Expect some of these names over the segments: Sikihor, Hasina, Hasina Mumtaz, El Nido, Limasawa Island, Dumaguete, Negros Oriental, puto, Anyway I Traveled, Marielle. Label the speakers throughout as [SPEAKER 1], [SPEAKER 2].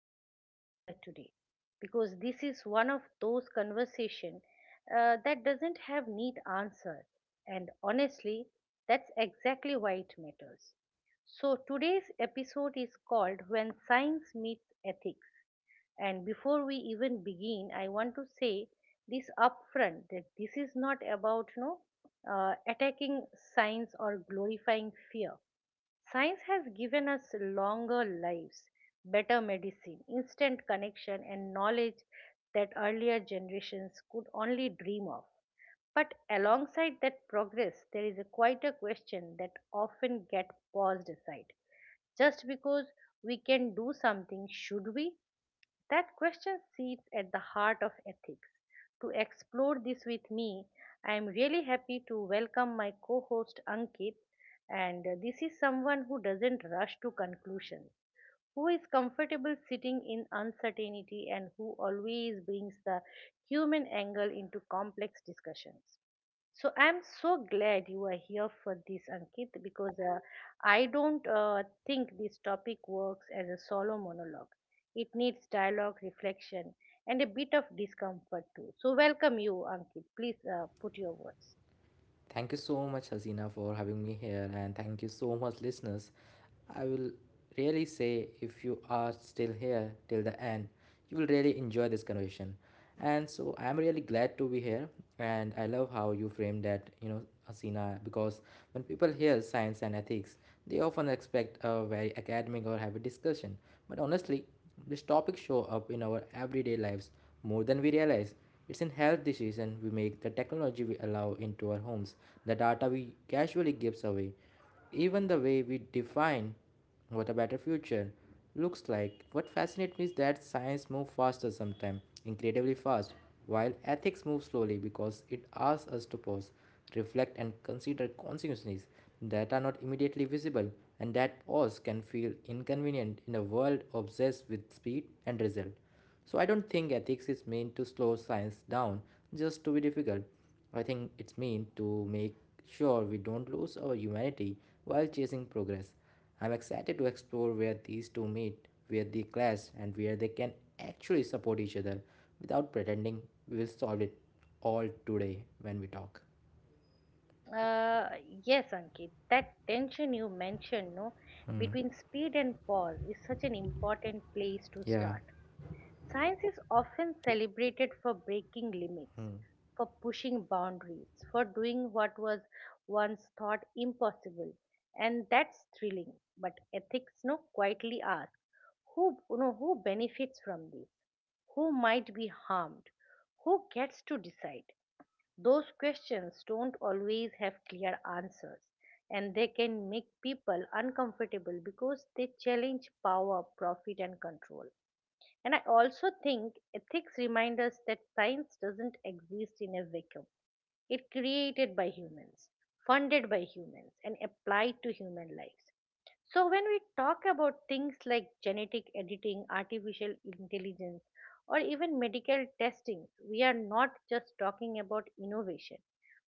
[SPEAKER 1] glad we are here today because this is one of those conversation that doesn't have neat answer, and honestly, that's exactly why it matters. So today's episode is called "When Science Meets Ethics," and before we even begin, I want to say this upfront that this is not about no attacking science or glorifying fear. Science has given us longer lives, better medicine, instant connection, and knowledge that earlier generations could only dream of. But alongside that progress, there is a quieter question that often gets paused aside. Just because we can do something, should we? That question sits at the heart of ethics. To explore this with me, I am really happy to welcome my co host Ankit, and this is someone who doesn't rush to conclusions who is comfortable sitting in uncertainty and who always brings the human angle into complex discussions. So I'm so glad you are here for this, Ankit, because I don't think this topic works as a solo monologue. It needs dialogue, reflection, and a bit of discomfort too. So welcome you, Ankit. Please put your words.
[SPEAKER 2] Thank you so much, Hasina, for having me here, and thank you so much, listeners. I will really say if you are still here till the end, you will really enjoy this conversation. And so I'm really glad to be here, and I love how you framed that, Hasina, because when people hear science and ethics, they often expect a very academic or heavy discussion. But honestly, these topics show up in our everyday lives more than we realize. It's in health decision we make, the technology we allow into our homes, the data we casually gives away, even the way we define what a better future looks like. What fascinates me is that science moves faster sometimes, incredibly fast, while ethics moves slowly because it asks us to pause, reflect, and consider consequences that are not immediately visible, and that pause can feel inconvenient in a world obsessed with speed and result. So I don't think ethics is meant to slow science down just to be difficult. I think it's meant to make sure we don't lose our humanity while chasing progress. I'm excited to explore where these two meet, where they clash, and where they can actually support each other without pretending we will solve it all today when we talk.
[SPEAKER 1] Uh, yes, Ankit, that tension you mentioned, no, between speed and pause is such an important place to
[SPEAKER 2] Yeah.
[SPEAKER 1] start. Science is often celebrated for breaking limits, for pushing boundaries, for doing what was once thought impossible, and that's thrilling. But ethics, no, quietly ask, who, you know, who benefits from this? Who might be harmed? Who gets to decide? Those questions don't always have clear answers, and they can make people uncomfortable because they challenge power, profit, and control. And I also think ethics remind us that science doesn't exist in a vacuum. It created by humans, funded by humans, and applied to human lives. So when we talk about things like genetic editing, artificial intelligence, or even medical testings, we are not just talking about innovation.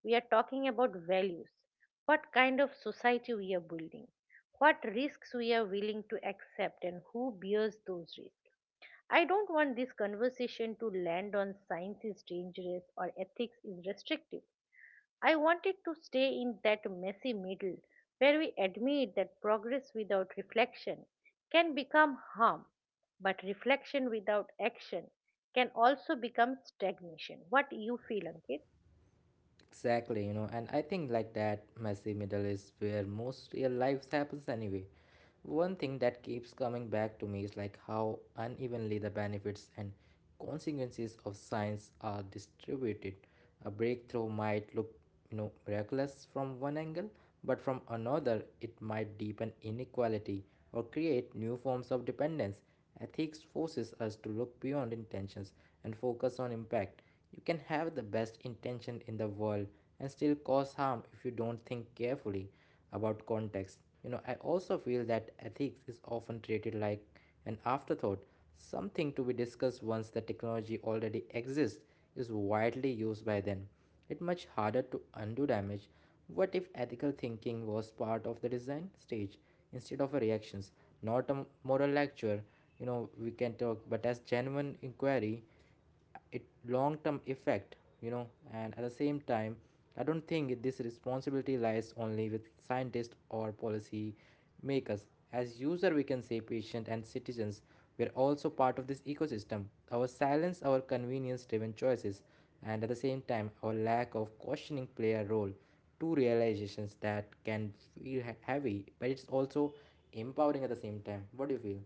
[SPEAKER 1] We are talking about values. What kind of society we are building, what risks we are willing to accept, and who bears those risks. I don't want this conversation to land on science is dangerous or ethics is restrictive. I want it to stay in that messy middle where we admit that progress without reflection can become harm, but reflection without action can also become stagnation. What do you feel, Ankit?
[SPEAKER 2] Exactly, you know, and I think like that messy middle is where most real lives happens anyway. One thing that keeps coming back to me is like how unevenly the benefits and consequences of science are distributed. A breakthrough might look, you know, miraculous from one angle, but from another it might deepen inequality or create new forms of dependence. Ethics forces us to look beyond intentions and focus on impact. You can have the best intention in the world and still cause harm if you don't think carefully about context. You know, I also feel that ethics is often treated like an afterthought, something to be discussed once the technology already exists, is widely used. By then it much harder to undo damage. What if ethical thinking was part of the design stage instead of a reactions, not a moral lecture, you know, we can talk, but as genuine inquiry, it long term effect, you know, and at the same time I don't think this responsibility lies only with scientists or policy makers. As user, we can say patient and citizens. We are also part of this ecosystem. Our silence, our convenience-driven choices, and at the same time, our lack of questioning play a role. Two realizations that can feel heavy, but it's also empowering at the same time. What do you feel?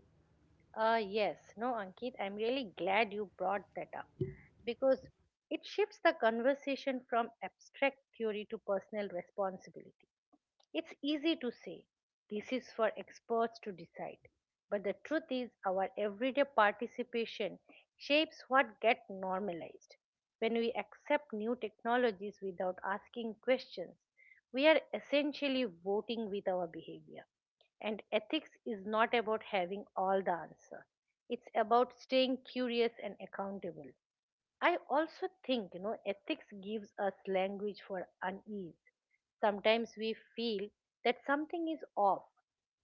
[SPEAKER 1] Yes, no, Ankit, I'm really glad you brought that up because it shifts the conversation from abstract theory to personal responsibility. It's easy to say this is for experts to decide, but the truth is, our everyday participation shapes what gets normalized. When we accept new technologies without asking questions, we are essentially voting with our behavior. And ethics is not about having all the answer. It's about staying curious and accountable. I also think, you know, ethics gives us language for unease. Sometimes we feel that something is off,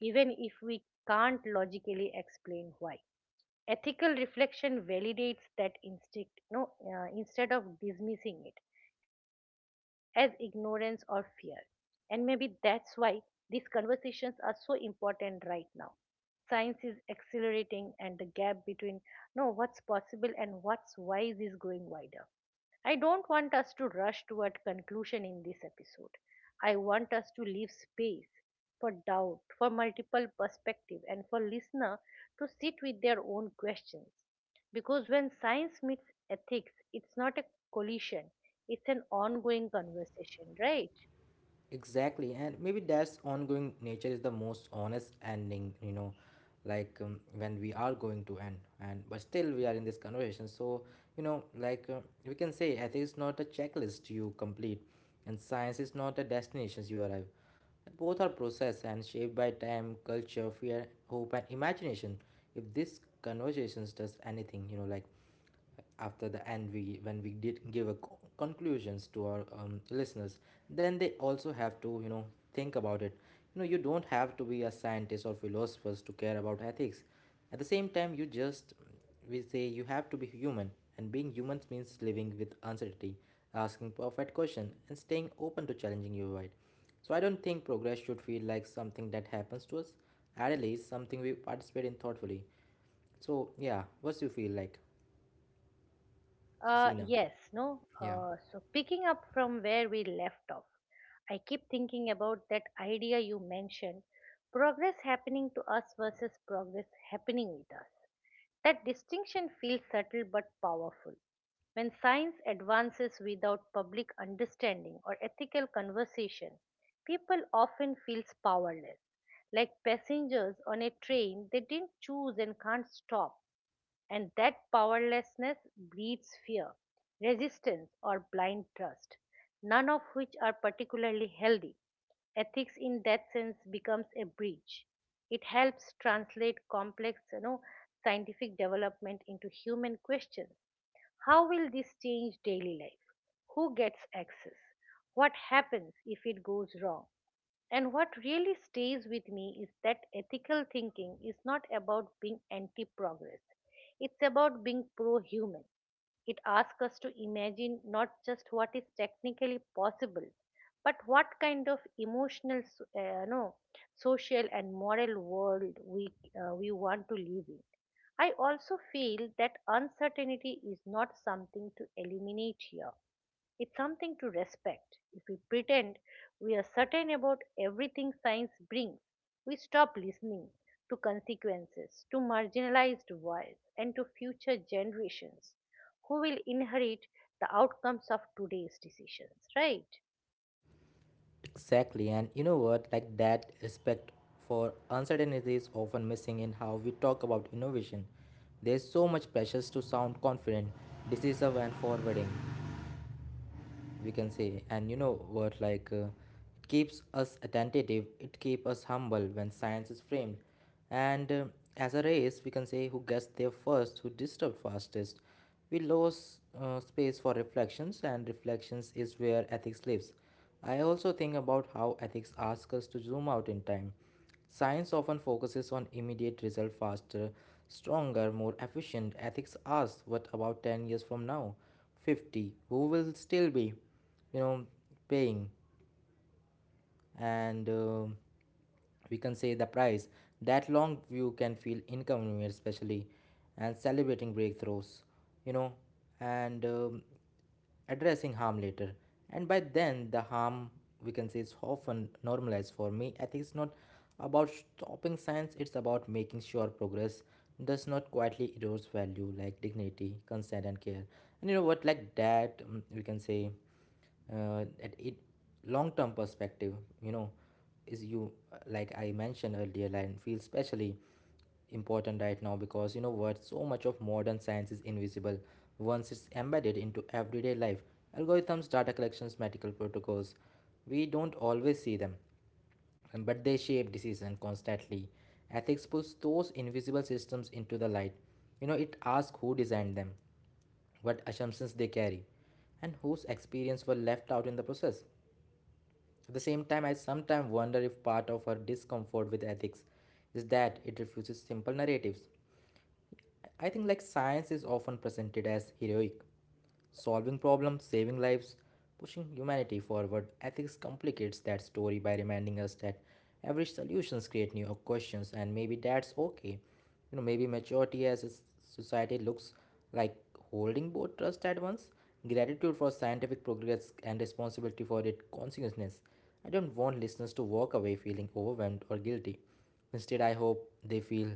[SPEAKER 1] even if we can't logically explain why. Ethical reflection validates that instinct no, instead of dismissing it as ignorance or fear. And maybe that's why these conversations are so important right now. Science is accelerating, and the gap between no, what's possible and what's wise is growing wider. I don't want us to rush toward conclusion in this episode. I want us to leave space for doubt, for multiple perspective and for listener to sit with their own questions. Because when science meets ethics, it's not a collision, it's an ongoing conversation, right?
[SPEAKER 2] Exactly, and maybe that's ongoing nature is the most honest ending, you know, like when we are going to end, and but still we are in this conversation. So, you know, we can say ethics is not a checklist you complete, and science is not a destination you arrive. Both are process and shaped by time, culture, fear, hope, and imagination. If this conversations does anything, you know, like after the end we when we did give a conclusions to our listeners, then they also have to, you know, think about it. You know, you don't have to be a scientist or philosophers to care about ethics. At the same time, you just, we say, you have to be human, and being human means living with uncertainty, asking perfect question and staying open to challenging your right. So I don't think progress should feel like something that happens to us, at least something we participate in thoughtfully. So yeah, what's you feel like,
[SPEAKER 1] Uh,
[SPEAKER 2] Hasina?
[SPEAKER 1] yes, no.
[SPEAKER 2] Yeah.
[SPEAKER 1] So picking up from where we left off, I keep thinking about that idea you mentioned progress happening to us versus progress happening with us. That distinction feels subtle but powerful. When science advances without public understanding or ethical conversation, people often feel powerless. Like passengers on a train, they didn't choose and can't stop and that powerlessness breeds fear, resistance, or blind trust, none of which are particularly healthy. Ethics, in that sense, becomes a bridge. It helps translate complex you know, scientific development into human questions how will this change daily life? Who gets access? What happens if it goes wrong? And what really stays with me is that ethical thinking is not about being anti progress, it's about being pro human. It asks us to imagine not just what is technically possible, but what kind of emotional, so- no, social, and moral world we want to live in. I also feel that uncertainty is not something to eliminate here. It's something to respect. If we pretend we are certain about everything science brings, we stop listening to consequences, to marginalized voices, and to future generations who will inherit the outcomes of today's decisions, right?
[SPEAKER 2] Exactly, and you know what? Like that respect for uncertainty is often missing in how we talk about innovation. There's so much pressure to sound confident, decisive, and forwarding, we can say. And you know what? It keeps us attentive, it keeps us humble when science is framed. And as a race, we can say who gets there first, who disturbed fastest. We lose space for reflections, and reflections is where ethics lives. I also think about how ethics ask us to zoom out in time. Science often focuses on immediate result faster, stronger, more efficient. Ethics asks what about 10 years from now? 50. Who will still be, you know, paying? And we can say the price. That long view can feel inconvenient, especially and celebrating breakthroughs, you know, and addressing harm later. And by then, the harm we can say is often normalized for me. I think it's not about stopping science, it's about making sure progress does not quietly erode value like dignity, consent, and care. And you know what, like that, we can say at it long term perspective, you know, is you like I mentioned earlier and feels especially important right now, because you know what, so much of modern science is invisible once it's embedded into everyday life: algorithms, data collections, medical protocols. We don't always see them, but they shape decision constantly. Ethics pulls those invisible systems into the light. You know, it asks who designed them, what assumptions they carry, and whose experience were left out in the process. At the same time, I sometimes wonder if part of her discomfort with ethics is that it refuses simple narratives. I think like science is often presented as heroic, solving problems, saving lives, pushing humanity forward. Ethics complicates that story by reminding us that every solutions create new questions, and maybe that's okay. You know, maybe maturity as a society looks like holding both trust at once, gratitude for scientific progress and responsibility for its consciousness. I don't want listeners to walk away feeling overwhelmed or guilty. Instead, I hope they feel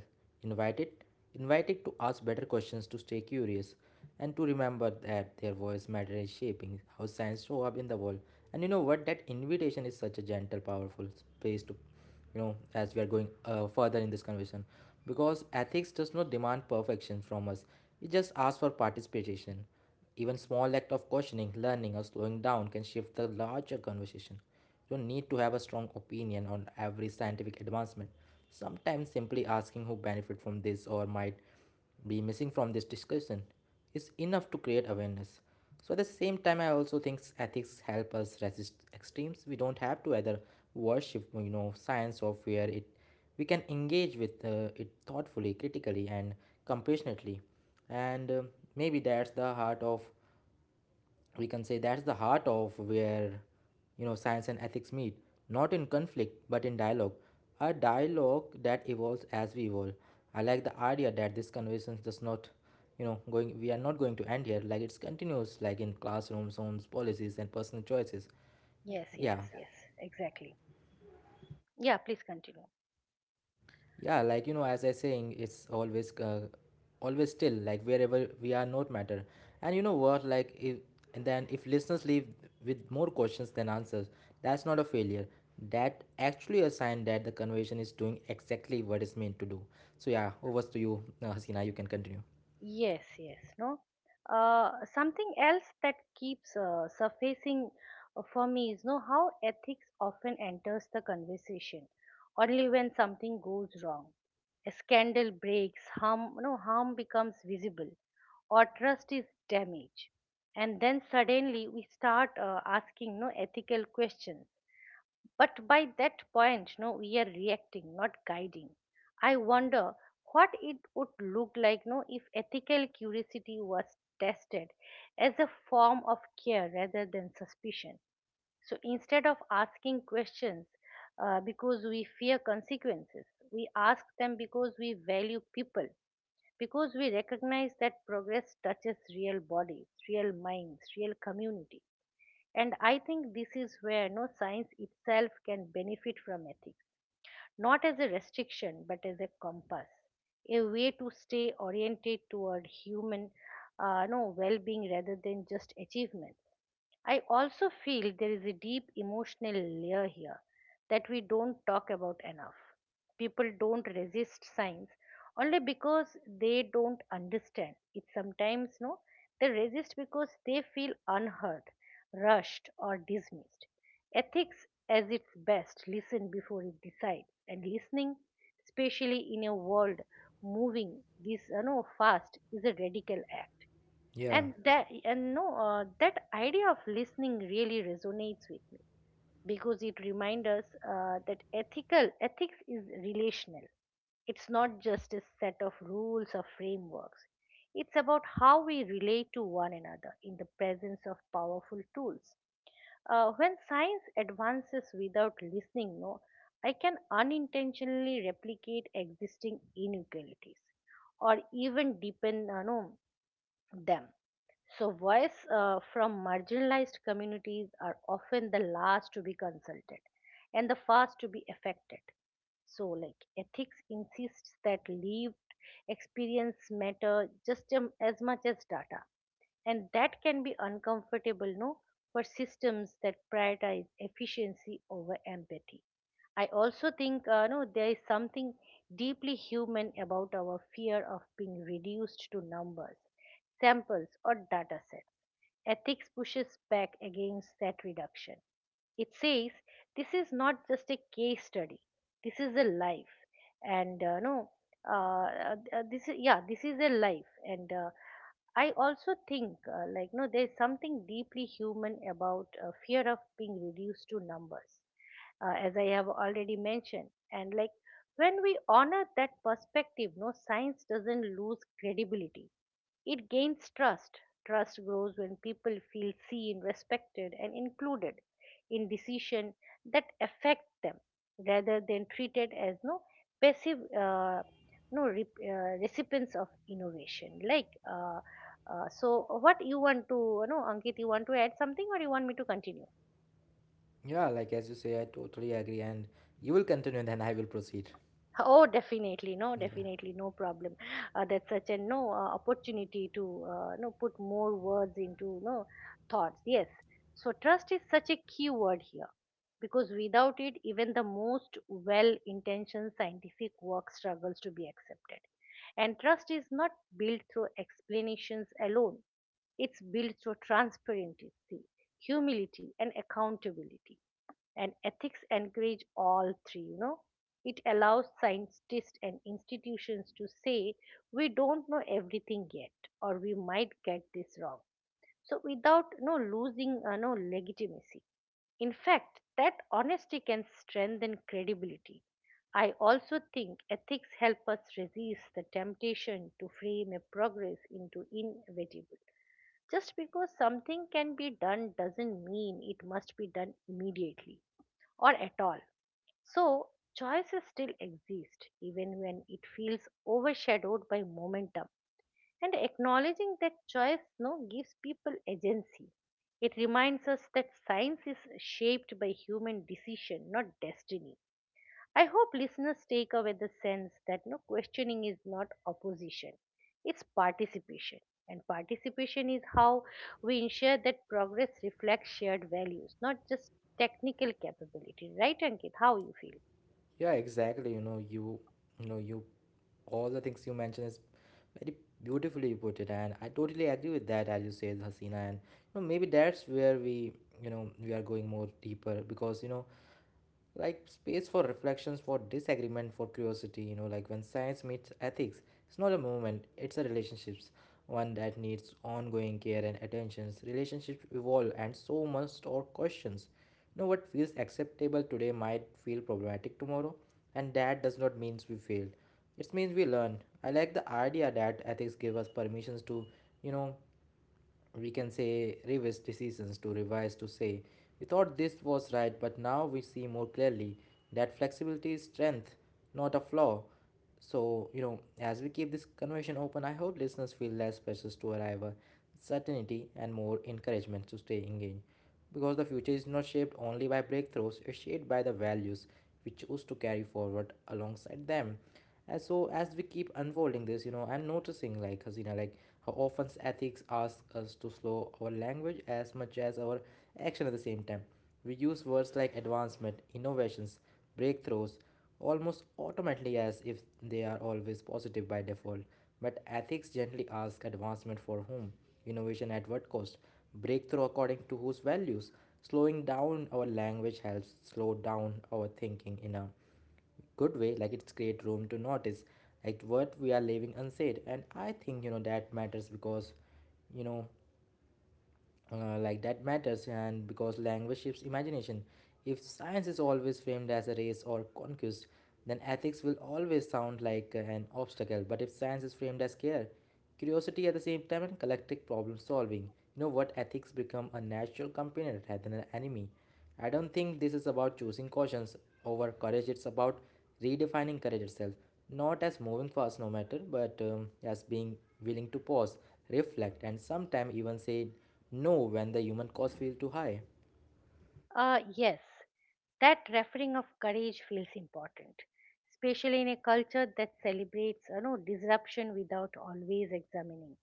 [SPEAKER 2] invited, invited to ask better questions, to stay curious, and to remember that their voice matter is shaping how science show up in the world. And you know what? That invitation is such a gentle, powerful space to, you know, as we are going further in this conversation, because ethics does not demand perfection from us. It just asks for participation. Even small act of questioning, learning, or slowing down can shift the larger conversation. You don't need to have a strong opinion on every scientific advancement. Sometimes simply asking who benefit from this or might be missing from this discussion is enough to create awareness. So at the same time, I also think ethics help us resist extremes. We don't have to either worship, you know, science or fear it. We can engage with it thoughtfully, critically, and compassionately. And maybe that's the heart of, we can say that's the heart of where, you know, science and ethics meet, not in conflict but in dialogue, a dialogue that evolves as we evolve. I like the idea that this conversation does not, you know, going we are not going to end here, like it's continuous, like in classrooms, homes, policies and personal choices.
[SPEAKER 1] Yes,
[SPEAKER 2] Yeah.
[SPEAKER 1] yes, yes, exactly. Yeah, please continue.
[SPEAKER 2] Yeah, like you know, as I saying, it's always still like wherever we are not matter. And you know what, like if and then if listeners leave with more questions than answers, that's not a failure. That actually a sign that the conversation is doing exactly what it's meant to do. So yeah, over to you, Hasina. You can continue.
[SPEAKER 1] Yes, yes, no. Something else that keeps surfacing for me is no how ethics often enters the conversation only when something goes wrong. A scandal breaks, harm, no harm becomes visible, or trust is damaged, and then suddenly we start asking no ethical questions but by that point, no, we are reacting, not guiding. I wonder what it would look like, no, if ethical curiosity was tested as a form of care rather than suspicion. So instead of asking questions because we fear consequences, we ask them because we value people, because we recognize that progress touches real bodies, real minds, real communities. And I think this is where no science itself can benefit from ethics, not as a restriction, but as a compass, a way to stay oriented toward human no well being rather than just achievement. I also feel there is a deep emotional layer here that we don't talk about enough. People don't resist science only because they don't understand it sometimes no they resist because they feel unheard rushed or dismissed ethics as its best listen before it decides and listening especially in a world moving this you know fast is a radical act
[SPEAKER 2] Yeah,
[SPEAKER 1] and that and no that idea of listening really resonates with me because it reminds us that ethical ethics is relational it's not just a set of rules or frameworks it's about how we relate to one another in the presence of powerful tools when science advances without listening no I can unintentionally replicate existing inequalities or even deepen no them. So, voice from marginalized communities are often the last to be consulted and the first to be affected. So, like ethics insists that lived experience matter as much as data. And that can be uncomfortable, no, for systems that prioritize efficiency over empathy. I also think, no, there is something deeply human about our fear of being reduced to numbers, samples, or data sets. Ethics pushes back against that reduction. It says this is not just a case study. This is a life, and no, this is yeah, this is a life, and I also think like no, there's something deeply human about fear of being reduced to numbers, as I have already mentioned, and like when we honor that perspective, no, science doesn't lose credibility it gains trust. Trust grows when people feel seen, respected, and included in decisions that affect them, rather than treated as no passive, no rep, recipients of innovation. So what you want to, you know, Ankit, you want to add something, or you want me to continue?
[SPEAKER 2] yeah. Like as you say, I totally agree, and you will continue, and then I will proceed.
[SPEAKER 1] Oh, definitely. No,
[SPEAKER 2] Yeah.
[SPEAKER 1] definitely. No problem. That's such a no opportunity to no put more words into no thoughts. Yes. So trust is such a key word here because without it, even the most well-intentioned scientific work struggles to be accepted. And trust is not built through explanations alone. It's built through transparency, humility, and accountability and ethics encourage all three you know it allows scientists and institutions to say we don't know everything yet or we might get this wrong so without no losing no legitimacy in fact that honesty can strengthen credibility I also think ethics help us resist the temptation to frame a progress into inevitable just because something can be done doesn't mean it must be done immediately or at all so, choices still exist even when it feels overshadowed by momentum. And acknowledging that choice no, gives people agency. It reminds us that science is shaped by human decision, not destiny. I hope listeners take away the sense that no questioning is not opposition, it's participation. And participation is how we ensure that progress reflects shared values, not just technical capability. Right, Ankit? How you feel?
[SPEAKER 2] Yeah, exactly. You know, all the things you mentioned is very beautifully you put it, and I totally agree with that, as you said, Hasina. And you know, maybe that's where we, you know, we are going more deeper, because you know, like space for reflections, for disagreement, for curiosity. You know, like when science meets ethics, it's not a moment, it's a relationships, one that needs ongoing care and attentions. Relationships evolve, and so must our questions. You know, what feels acceptable today might feel problematic tomorrow, and that does not means we failed, it means we learn. I like the idea that ethics give us permissions to, you know, we can say reverse decisions, to revise, to say we thought this was right but now we see more clearly. That flexibility is strength, not a flaw. So you know, as we keep this conversation open, I hope listeners feel less pressures to arrive at certainty and more encouragement to stay engaged, because the future is not shaped only by breakthroughs, it's shaped by the values we choose to carry forward alongside them. So as we keep unfolding this, you know, I'm noticing like, Hasina, like how often ethics asks us to slow our language as much as our action at the same time. We use words like advancement, innovations, breakthroughs almost automatically, as if they are always positive by default. But ethics gently asks advancement for whom, innovation at what cost, breakthrough according to whose values. Slowing down our language helps slow down our thinking in a good way, like it's create room to notice like what we are leaving unsaid. And I think that matters because you know like that matters. And because language shapes imagination, if science is always framed as a race or conquest, then ethics will always sound like an obstacle. But if science is framed as care, curiosity at the same time, and collective problem solving, you know what, ethics become a natural companion rather than an enemy. I don't think this is about choosing cautions over courage, it's about redefining courage itself. Not as moving fast, no matter, but as being willing to pause, reflect, and sometimes even say no when the human cost feels too high.
[SPEAKER 1] Yes, that referring of courage feels important, especially in a culture that celebrates you know, disruption without always examining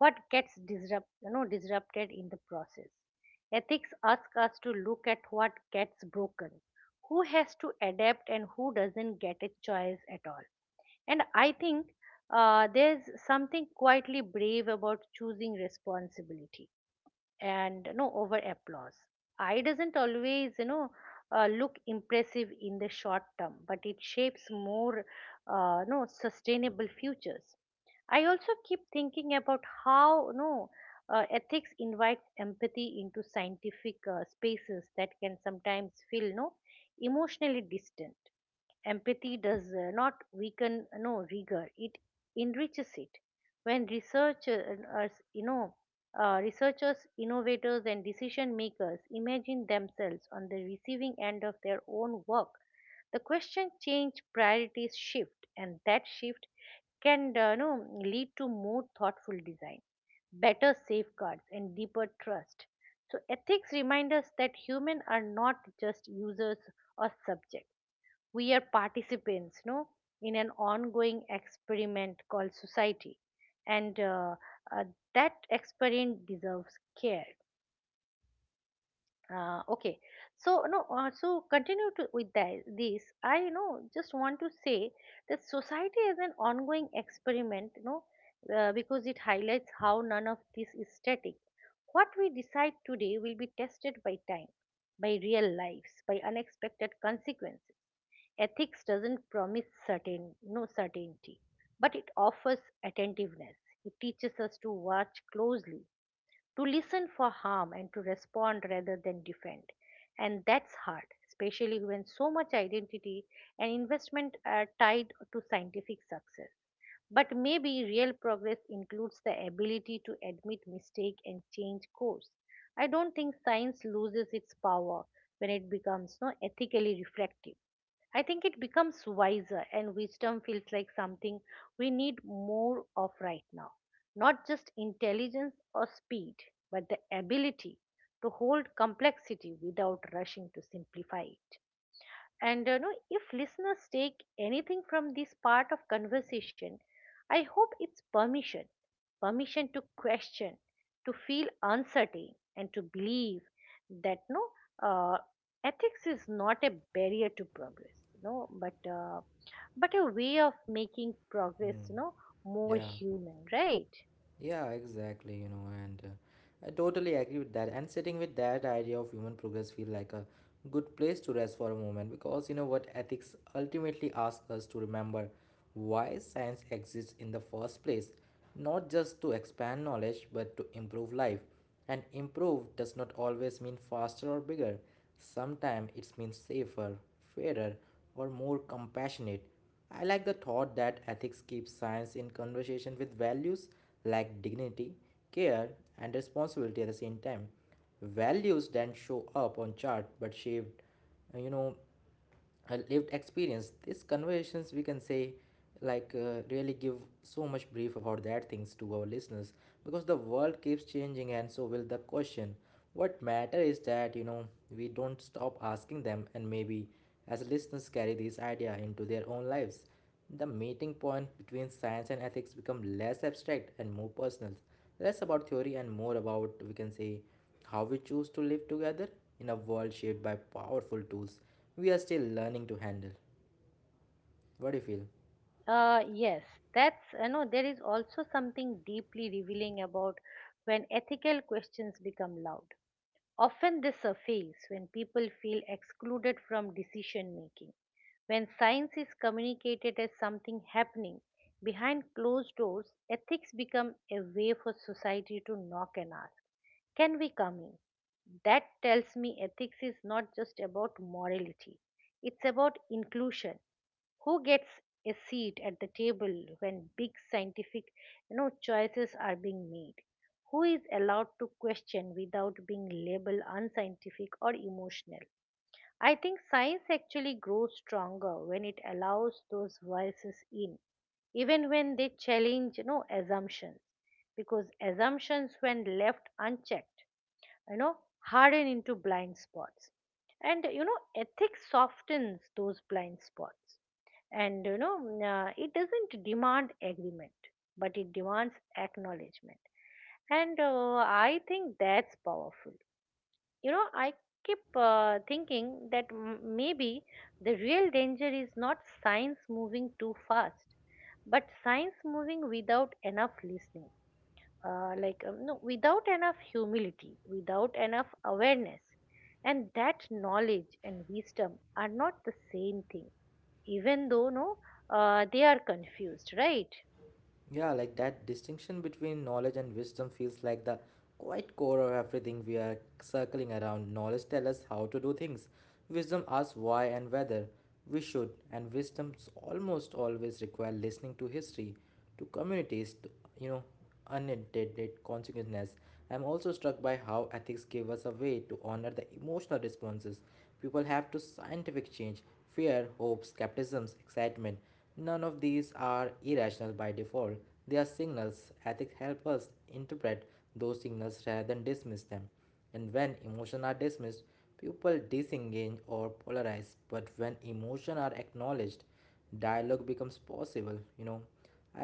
[SPEAKER 1] what gets disrupt, you know, disrupted in the process. Ethics ask us to look at what gets broken, who has to adapt, and who doesn't get a choice at all. And I think there's something quietly brave about choosing responsibility and over applause. I doesn't always look impressive in the short term, but it shapes more sustainable futures. I also keep thinking about how ethics invites empathy into scientific spaces that can sometimes feel no emotionally distant. Empathy does not weaken no rigor; it enriches it. When researchers, you know, researchers, innovators, and decision makers imagine themselves on the receiving end of their own work, the question change priorities shift, and that shift can no, lead to more thoughtful design, better safeguards, and deeper trust. So ethics remind us that humans are not just users or subjects, we are participants, no, in an ongoing experiment called society, and uh, that experiment deserves care. Okay, so no, so continue to with that, this. I just want to say that society is an ongoing experiment, no, because it highlights how none of this is static. What we decide today will be tested by time, by real lives, by unexpected consequences. Ethics doesn't promise certain no certainty, but it offers attentiveness. It teaches us to watch closely, to listen for harm, and to respond rather than defend. And that's hard, especially when so much identity and investment are tied to scientific success. But maybe real progress includes the ability to admit mistake and change course. I don't think science loses its power when it becomes no ethically reflective. I think it becomes wiser, and wisdom feels like something we need more of right now. Not just intelligence or speed, but the ability to hold complexity without rushing to simplify it. And if listeners take anything from this part of conversation, I hope it's permission, permission to question, to feel uncertain, and to believe that uh, ethics is not a barrier to progress, no, but a way of making progress,
[SPEAKER 2] Hmm.
[SPEAKER 1] more
[SPEAKER 2] Yeah,
[SPEAKER 1] human, right?
[SPEAKER 2] yeah, exactly, you know, and I totally agree with that. And sitting with that idea of human progress feel like a good place to rest for a moment, because you know what, ethics ultimately ask us to remember why science exists in the first place, not just to expand knowledge but to improve life. And improve does not always mean faster or bigger. Sometimes it means safer, fairer, or more compassionate. I like the thought that ethics keeps science in conversation with values like dignity, care, and responsibility at the same time. Values then show up on chart but shaped uh, you know a lived experience. These conversations, we can say, like really give so much brief about that things to our listeners, because the world keeps changing and so will the question. What matter is that, you know, we don't stop asking them. And maybe as listeners carry this idea into their own lives, the meeting point between science and ethics become less abstract and more personal. Less about theory and more about, we can say, how we choose to live together in a world shaped by powerful tools we are still learning to handle. What do you feel?
[SPEAKER 1] Yes, that's there is also something deeply revealing about when ethical questions become loud. Often they surface when people feel excluded from decision making. When science is communicated as something happening behind closed doors, ethics become a way for society to knock and ask. Can we come in? That tells me ethics is not just about morality, it's about inclusion. Who gets a seat at the table when big scientific, choices are being made? Who is allowed to question without being labeled unscientific or emotional? I think science actually grows stronger when it allows those voices in, even when they challenge, assumptions, because assumptions when left unchecked you know harden into blind spots. And ethics softens those blind spots. And it doesn't demand agreement, but it demands acknowledgement. And I think that's powerful. I keep thinking that maybe the real danger is not science moving too fast, but science moving without enough listening, without enough humility, without enough awareness, and that knowledge and wisdom are not the same thing, even though no they are confused, right?
[SPEAKER 2] Yeah, like that distinction between knowledge and wisdom feels like the quite core of everything we are circling around. Knowledge tells us how to do things, wisdom asks why and whether we should, and wisdoms almost always require listening to history, to communities, to, you know, unintended consequences. I'm also struck by how ethics give us a way to honor the emotional responses people have to scientific change: fear, hope, skepticism, excitement. None of these are irrational by default. They are signals. Ethics help us interpret those signals rather than dismiss them. And when emotions are dismissed, people disengage or polarize. But when emotions are acknowledged, dialogue becomes possible. You know,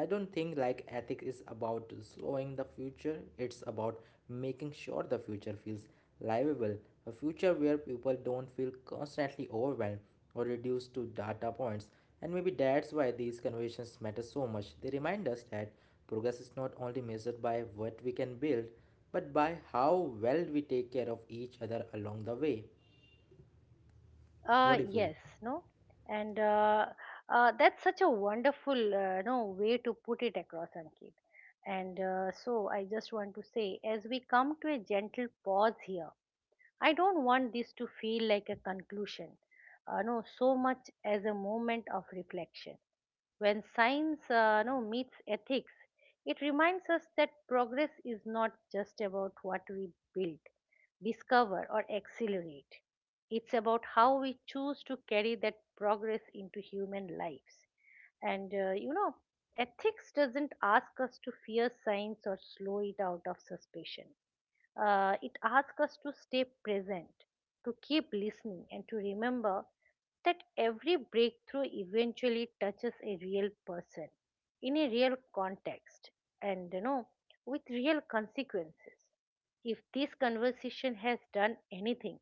[SPEAKER 2] I don't think like ethics is about slowing the future, it's about making sure the future feels livable, a future where people don't feel constantly overwhelmed or reduced to data points. And maybe that's why these conversations matter so much. They remind us that progress is not only measured by what we can build, but by how well we take care of each other along the way. What do you feel?
[SPEAKER 1] Yes. no and That's such a wonderful, no way to put it across, Ankit. And I just want to say, as we come to a gentle pause here, I don't want this to feel like a conclusion, no, so much as a moment of reflection. When science no, meets ethics, it reminds us that progress is not just about what we build, discover, or accelerate. It's about how we choose to carry that progress into human lives. And ethics doesn't ask us to fear science or slow it out of suspicion. It asks us to stay present, to keep listening, and to remember that every breakthrough eventually touches a real person in a real context and with real consequences. If this conversation has done anything,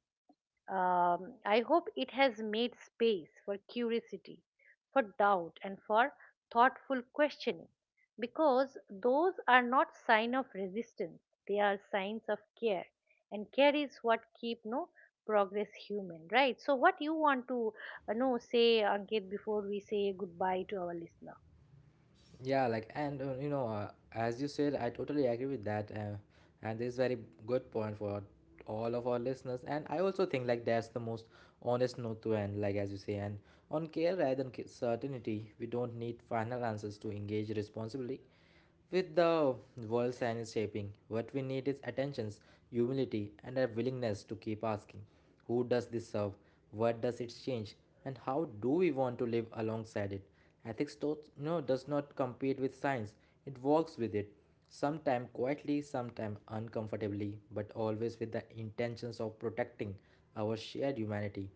[SPEAKER 1] I hope it has made space for curiosity, for doubt, and for thoughtful questioning, because those are not sign of resistance, they are signs of care. And care is what keep no progress human, right? So what you want to know say, Ankit, before we say goodbye to our listeners?
[SPEAKER 2] Yeah, like, and as you said, I totally agree with that. And this is very good point for all of our listeners. And I also think like that's the most honest note to end, like as you say. And on care rather than certainty, we don't need final answers to engage responsibly. With the world science shaping, what we need is attentions, humility, and a willingness to keep asking who does this serve, what does it change, and how do we want to live alongside it? Ethics does, no, does not compete with science, it works with it, sometimes quietly, sometimes uncomfortably, but always with the intentions of protecting our shared humanity.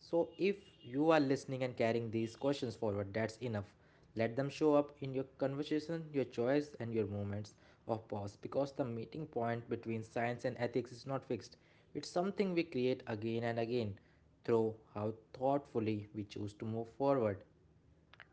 [SPEAKER 2] So if you are listening and carrying these questions forward, that's enough. Let them show up in your conversation, your choice, and your moments of pause, because the meeting point between science and ethics is not fixed. It's something we create again and again through how thoughtfully we choose to move forward.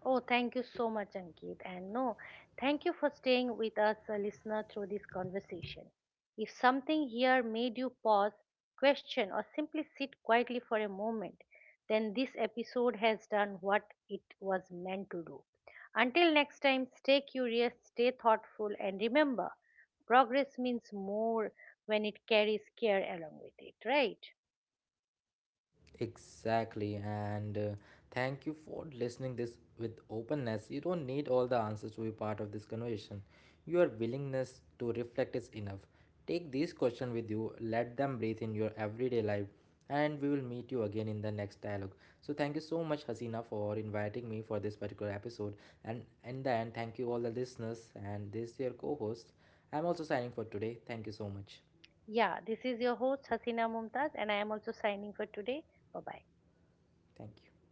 [SPEAKER 1] Oh, thank you so much, Ankit. And no, thank you for staying with us, a listener, through this conversation. If something here made you pause, question, or simply sit quietly for a moment, then this episode has done what it was meant to do. Until next time, stay curious, stay thoughtful, and remember progress means more when it carries care along with it, right?
[SPEAKER 2] Exactly, and thank you for listening this with openness. You don't need all the answers to be part of this conversation. Your willingness to reflect is enough. Take these questions with you, let them breathe in your everyday life, and we will meet you again in the next dialogue. So thank you so much, Hasina, for inviting me for this particular episode. And in the end, thank you all the listeners and this your co-host. I'm also signing for today. Thank you so much.
[SPEAKER 1] Yeah, this is your host, Hasina Mumtaz, and I am also signing for today. Bye bye.
[SPEAKER 2] Thank you.